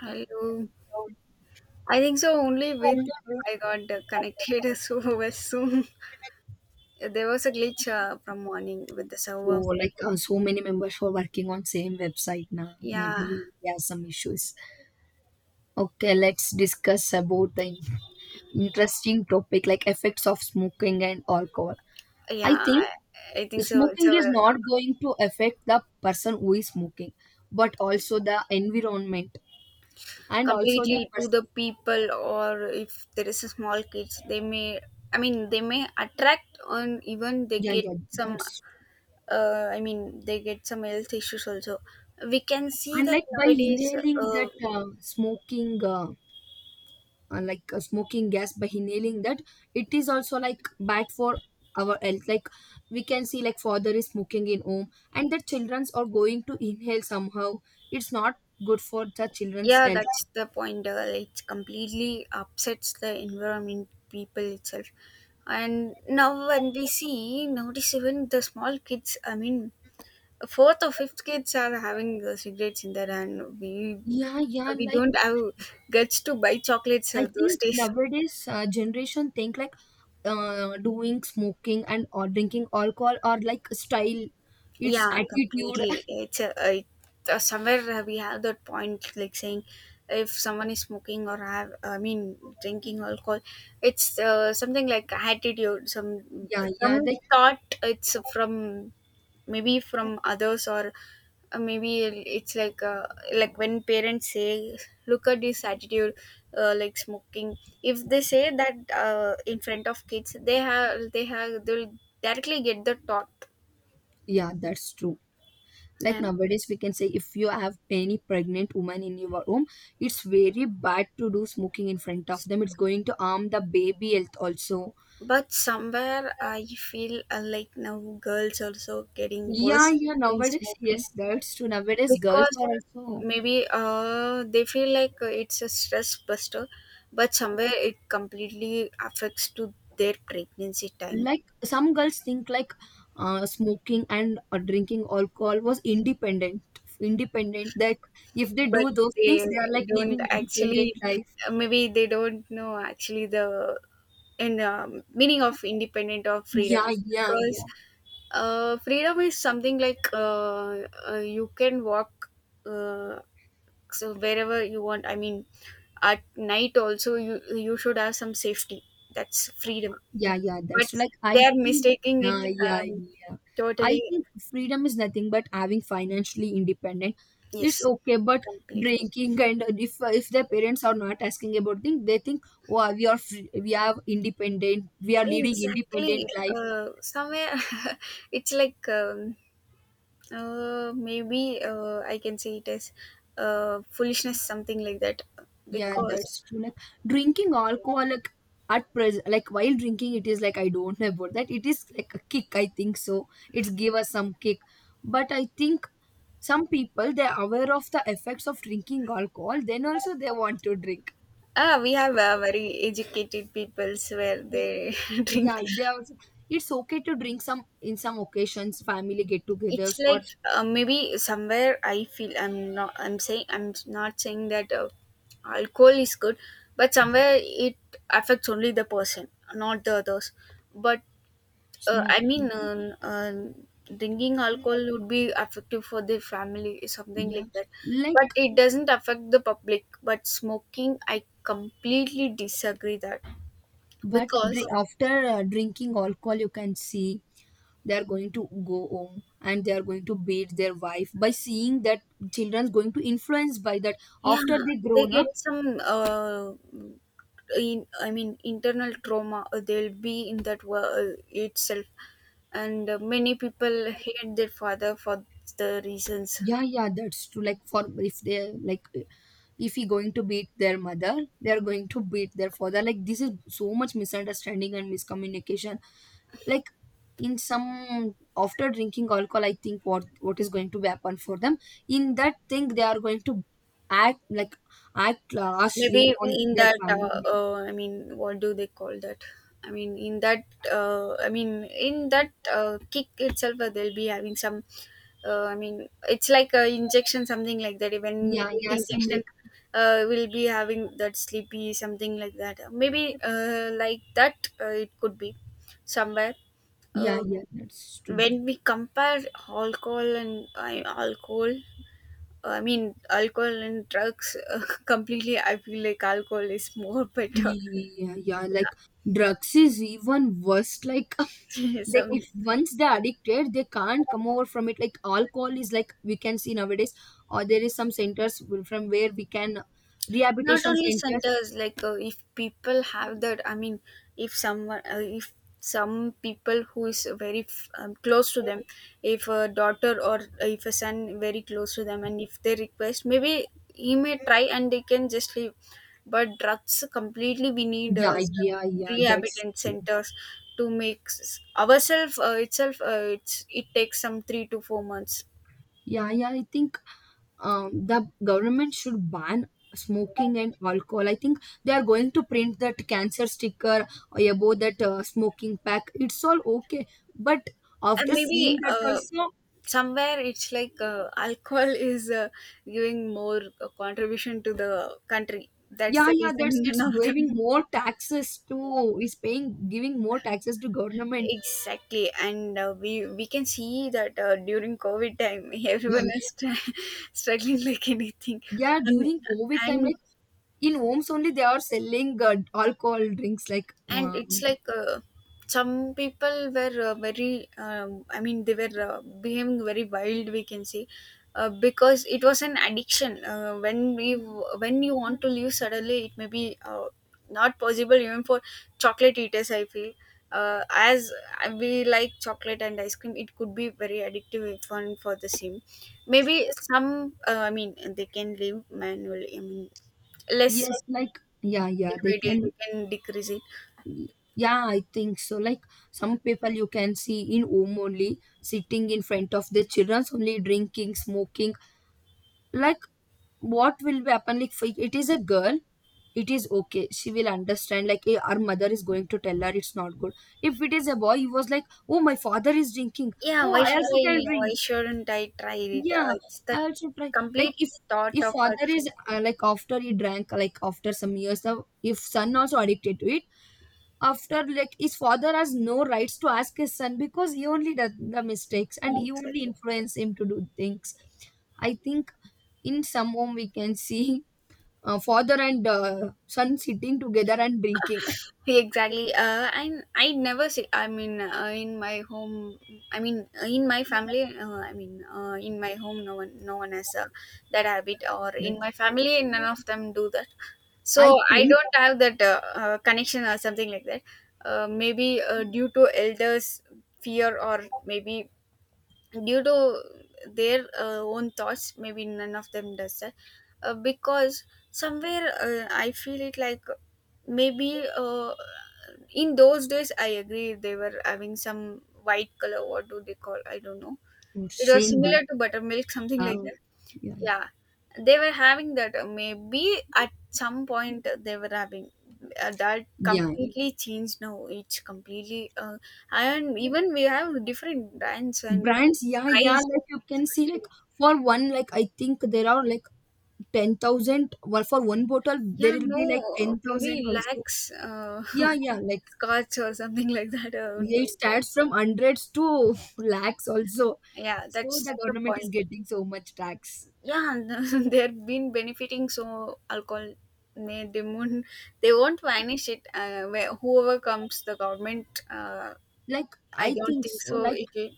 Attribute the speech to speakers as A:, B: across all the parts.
A: Hello. I think so only with I got connected so was soon. There was a glitch from morning with the
B: So
A: server.
B: so many members who are working on same website now.
A: Yeah,
B: Maybe there are some issues. Okay, let's discuss about the interesting topic like effects of smoking and alcohol. I
A: yeah.
B: think
A: I think so. It's a
B: smoking is not going to affect the person who is smoking, but
A: it's
B: also the environment and also the
A: completely to
B: person.
A: the people, or if there is a small kids, they may. I mean, they may attract, on even they
B: Yeah,
A: get
B: yeah,
A: some.
B: that's
A: I mean, they get some health issues also. We can see
B: and
A: that
B: Like by
A: nowadays.
B: inhaling that smoking. Smoking gas, by inhaling that, it is also like bad for our health. Like we can see, like father is smoking in home and the childrens are going to inhale somehow, it's not good for the children's
A: Yeah,
B: health.
A: that's the point. It completely upsets the environment, people itself. And now, when we see, notice even the small kids, I mean, fourth or fifth kids are having cigarettes in their hand.
B: Yeah, yeah.
A: We
B: like
A: don't have guts to buy chocolates
B: i
A: those
B: think
A: days.
B: nowadays generation think like doing smoking and or drinking alcohol or like style, it's
A: Yeah,
B: attitude.
A: completely. It's somewhere we have that point, like saying if someone is smoking or have, I mean, drinking alcohol, it's something like attitude, some
B: yeah, yeah,
A: some
B: like,
A: thought. It's from maybe from others or maybe it's like when parents say, "Look at this attitude, like smoking." If they say that in front of kids, they'll directly get the thought
B: yeah, that's true. Like
A: and.
B: nowadays, we can say if you have any pregnant woman in your home, it's very bad to do smoking in front of them. It's going to harm the baby health also.
A: But somewhere I feel like now girls also getting
B: Yeah,
A: worse
B: yeah,
A: in
B: nowadays,
A: smoking
B: yes, that's true, nowadays girls
A: because
B: are also
A: maybe they feel like it's a stress buster, but somewhere it completely affects to their pregnancy time.
B: like. Some girls think like smoking and drinking alcohol was independent, that if they
A: But
B: do those things,
A: they
B: they are like
A: don't
B: living independent
A: actually,
B: life.
A: maybe they don't know actually the and meaning of independent or freedom
B: Yeah, yeah,
A: because
B: yeah.
A: freedom is something like you can walk uh, so wherever you want. I mean, at night also you should have some safety. That's freedom,
B: Yeah, yeah,
A: but
B: that's like
A: they
B: I
A: are
B: think,
A: mistaking it.
B: yeah,
A: um,
B: yeah. I
A: Totally.
B: think freedom is nothing but having financially independent. It's
A: Yes.
B: okay, but
A: Completely.
B: drinking and if their parents are not asking about things, they think, oh, we are free, we are independent, we are leading
A: Exactly.
B: independent life.
A: Somewhere it's like maybe I can say it as foolishness, something like that,
B: Yeah,
A: because
B: that's true. Like drinking alcohol, like at present, like while drinking, it is like I don't know about that. It is like a kick, I think so. It's give us some kick, but I think some people they're aware of the effects of drinking alcohol, then also they want to drink.
A: ah we have very educated peoples where they drink.
B: Yeah, they also, it's okay to drink some in some occasions, family
A: It's
B: get-togethers or
A: like maybe somewhere I feel I'm not saying that alcohol is good, but somewhere it affects only the person, not the others. But I mean
B: smoking.
A: drinking alcohol would be effective for the family, something
B: Yeah,
A: like that,
B: like,
A: but it doesn't affect the public. But smoking I completely disagree that
B: but dri-
A: because.
B: after drinking alcohol, you can see they are going to go home and they are going to beat their wife. By seeing that, children's going to influence by that
A: Yeah,
B: after they
A: they
B: grown up.
A: get some in, I mean internal trauma. They'll be in that world itself, and many people hate their father for the reasons.
B: Yeah, yeah, that's true. Like for, if they like, if he going to beat their mother, they are going to beat their father. Like, this is so much misunderstanding and miscommunication. Like in some, after drinking alcohol, I think what is going to happen for them. In that thing, they are going to act like, act harshly
A: Maybe
B: on
A: in
B: their
A: that
B: family.
A: I mean, what do they call that I mean in that kick itself, they'll be having some I mean, it's like a injection, something like that, when we
B: Yeah,
A: get
B: yeah, some like,
A: injection, we'll be having that sleepy, something like that. Maybe like that, it could be somewhere. uh,
B: yeah, yeah, that's true.
A: when we compare alcohol and alcohol I mean, alcohol and drugs, completely, I feel like alcohol is more better.
B: Yeah, yeah, yeah, like drugs is even worse. Like
A: Yeah,
B: they, if
A: some,
B: once they're addicted, they can't come over from it. Like alcohol is like we can see nowadays, or there is some from where we can,
A: not
B: rehabilitation
A: only
B: centers.
A: centers. Like if people have that, I mean, if some people who is very close to them, if a daughter or if a son very close to them, and if they request, maybe he may try and they can just leave. But drugs completely, we need
B: Yeah, yeah,
A: some
B: yeah, that's,
A: rehabilitation centers to make ourselves itself. It's, it takes some 3 to 4 months.
B: yeah, yeah, I think the government should ban smoking and alcohol. I think they are going to print that cancer sticker or above that smoking pack, it's all okay, but
A: And
B: after
A: maybe
B: seeing that also.
A: somewhere it's like alcohol is giving more contribution to the country. That's
B: Yeah,
A: the
B: yeah,
A: reason
B: that's it's
A: none of them.
B: giving more taxes to, is paying, giving more taxes to government.
A: Exactly. And we can see that during covid time
B: Yeah,
A: everyone is str struggling like anything.
B: yeah,
A: um,
B: during COVID time,
A: and
B: like in homes only they are selling alcohol drinks.
A: and it's
B: Um,
A: like some people were very I mean, they were behaving very wild, we can say, because it was an addiction. When you want to leave suddenly, it may be not possible even for chocolate eaters, I feel, as we like chocolate and ice cream. It could be very addictive if one for the same. Maybe some, I mean, they can live manually, I mean, less.
B: yes, like, yeah, yeah, they
A: Every day they
B: can.
A: can decrease.
B: Yeah, I think so. Like some people you can see in home only, sitting in front of their children only, drinking, smoking. Like, what will be happen? Like, if it is a girl, it is okay, she will understand, like, her mother is going to tell her it's not good. If it is a boy, he was like, oh, my father is drinking,
A: Yeah,
B: oh,
A: why
B: I
A: should
B: also
A: I?
B: can drink.
A: Why shouldn't I try it?
B: Yeah,
A: It's the
B: I also try like,
A: complete
B: if
A: thought
B: if
A: of
B: father
A: ourselves.
B: is like, after he drank, like after some years of, if son also addicted to it, after, like, his father has no rights to ask his son because he only does the mistakes and he only
A: Exactly.
B: influence him to do things. I think in some home we can see father and son sitting together and drinking.
A: Exactly. And I never see. I mean, in my home. I mean, in my family. I mean, in my home, no one has that habit. Or in
B: That's
A: my
B: true.
A: family, none of them do that.
B: I
A: So I
B: think,
A: don't have that connection or something like that. Maybe due to elders' fear, or maybe due to their own thoughts, maybe none of them does that, because somewhere I feel it like maybe in those days I agree they were having some white color. What do they call? I don't know.
B: or
A: It was
B: Shandy.
A: similar to buttermilk, something like
B: How?
A: that.
B: Yeah,
A: Yeah, they were having that. Maybe at some point they were having that
B: yeah.
A: completely changed now. It's completely and
B: Yeah.
A: even we have different brands and
B: Brands, yeah, yeah.
A: price.
B: Like, you can see, like,
A: Especially.
B: for one, like I think there are like 10,000. Well, for one bottle, there
A: Yeah,
B: will be like
A: no,
B: 10,000
A: maybe
B: also.
A: lax
B: Yeah, yeah. Like,
A: scotch or something like that would
B: yeah, it
A: be.
B: starts from hundreds to lakhs also.
A: Yeah,
B: So
A: that's
B: the
A: the
B: government is
A: point.
B: getting so much tax.
A: Yeah, and they've been benefiting, so alcohol, may they won't, they won't vanish it, where whoever comes the government.
B: Like
A: I
B: I
A: don't
B: think
A: think
B: so.
A: so
B: Like,
A: it will.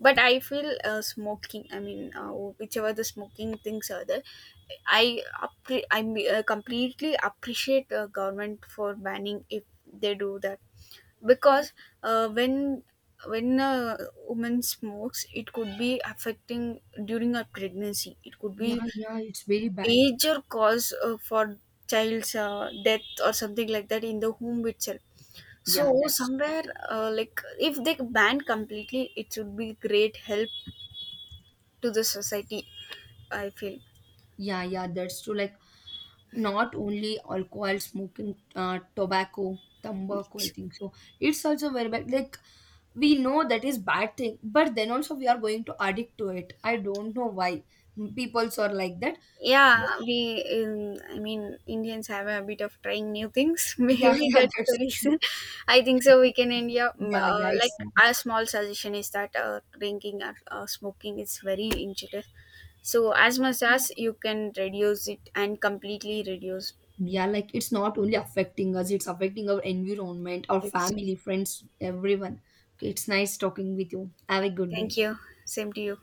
A: But I feel smoking, I mean, whichever the smoking things are there, I completely appreciate government for banning if they do that, because uh, when when a woman smokes, it could be affecting during her pregnancy. It could be
B: yeah, yeah, it's very bad.
A: major cause for child's death or something like that in the home itself.
B: Yeah,
A: So
B: that's true.
A: somewhere like if they ban completely, it would be great help to the society, I feel.
B: Yeah, yeah, that's true. Like, not only alcohol, smoking, tobacco, tobacco. I think so. It's also very bad. Like, we know that is bad thing, but then also we are going to addict to it. I don't know why people's are like that.
A: Yeah, we in, I mean, Indians have a bit of trying new things
B: Yeah,
A: maybe
B: yeah,
A: that's the
B: that's
A: reason.
B: true.
A: I think so we can india
B: Yeah, yeah,
A: like
B: it's,
A: a small suggestion is that drinking or smoking is very injurious, so as much as you can reduce it and completely reduce
B: yeah, like, it's not only affecting us, it's affecting our environment, our
A: it.
B: family, friends, everyone. Okay, it's nice talking with you. Have a good
A: Thank
B: day.
A: you. Same to you.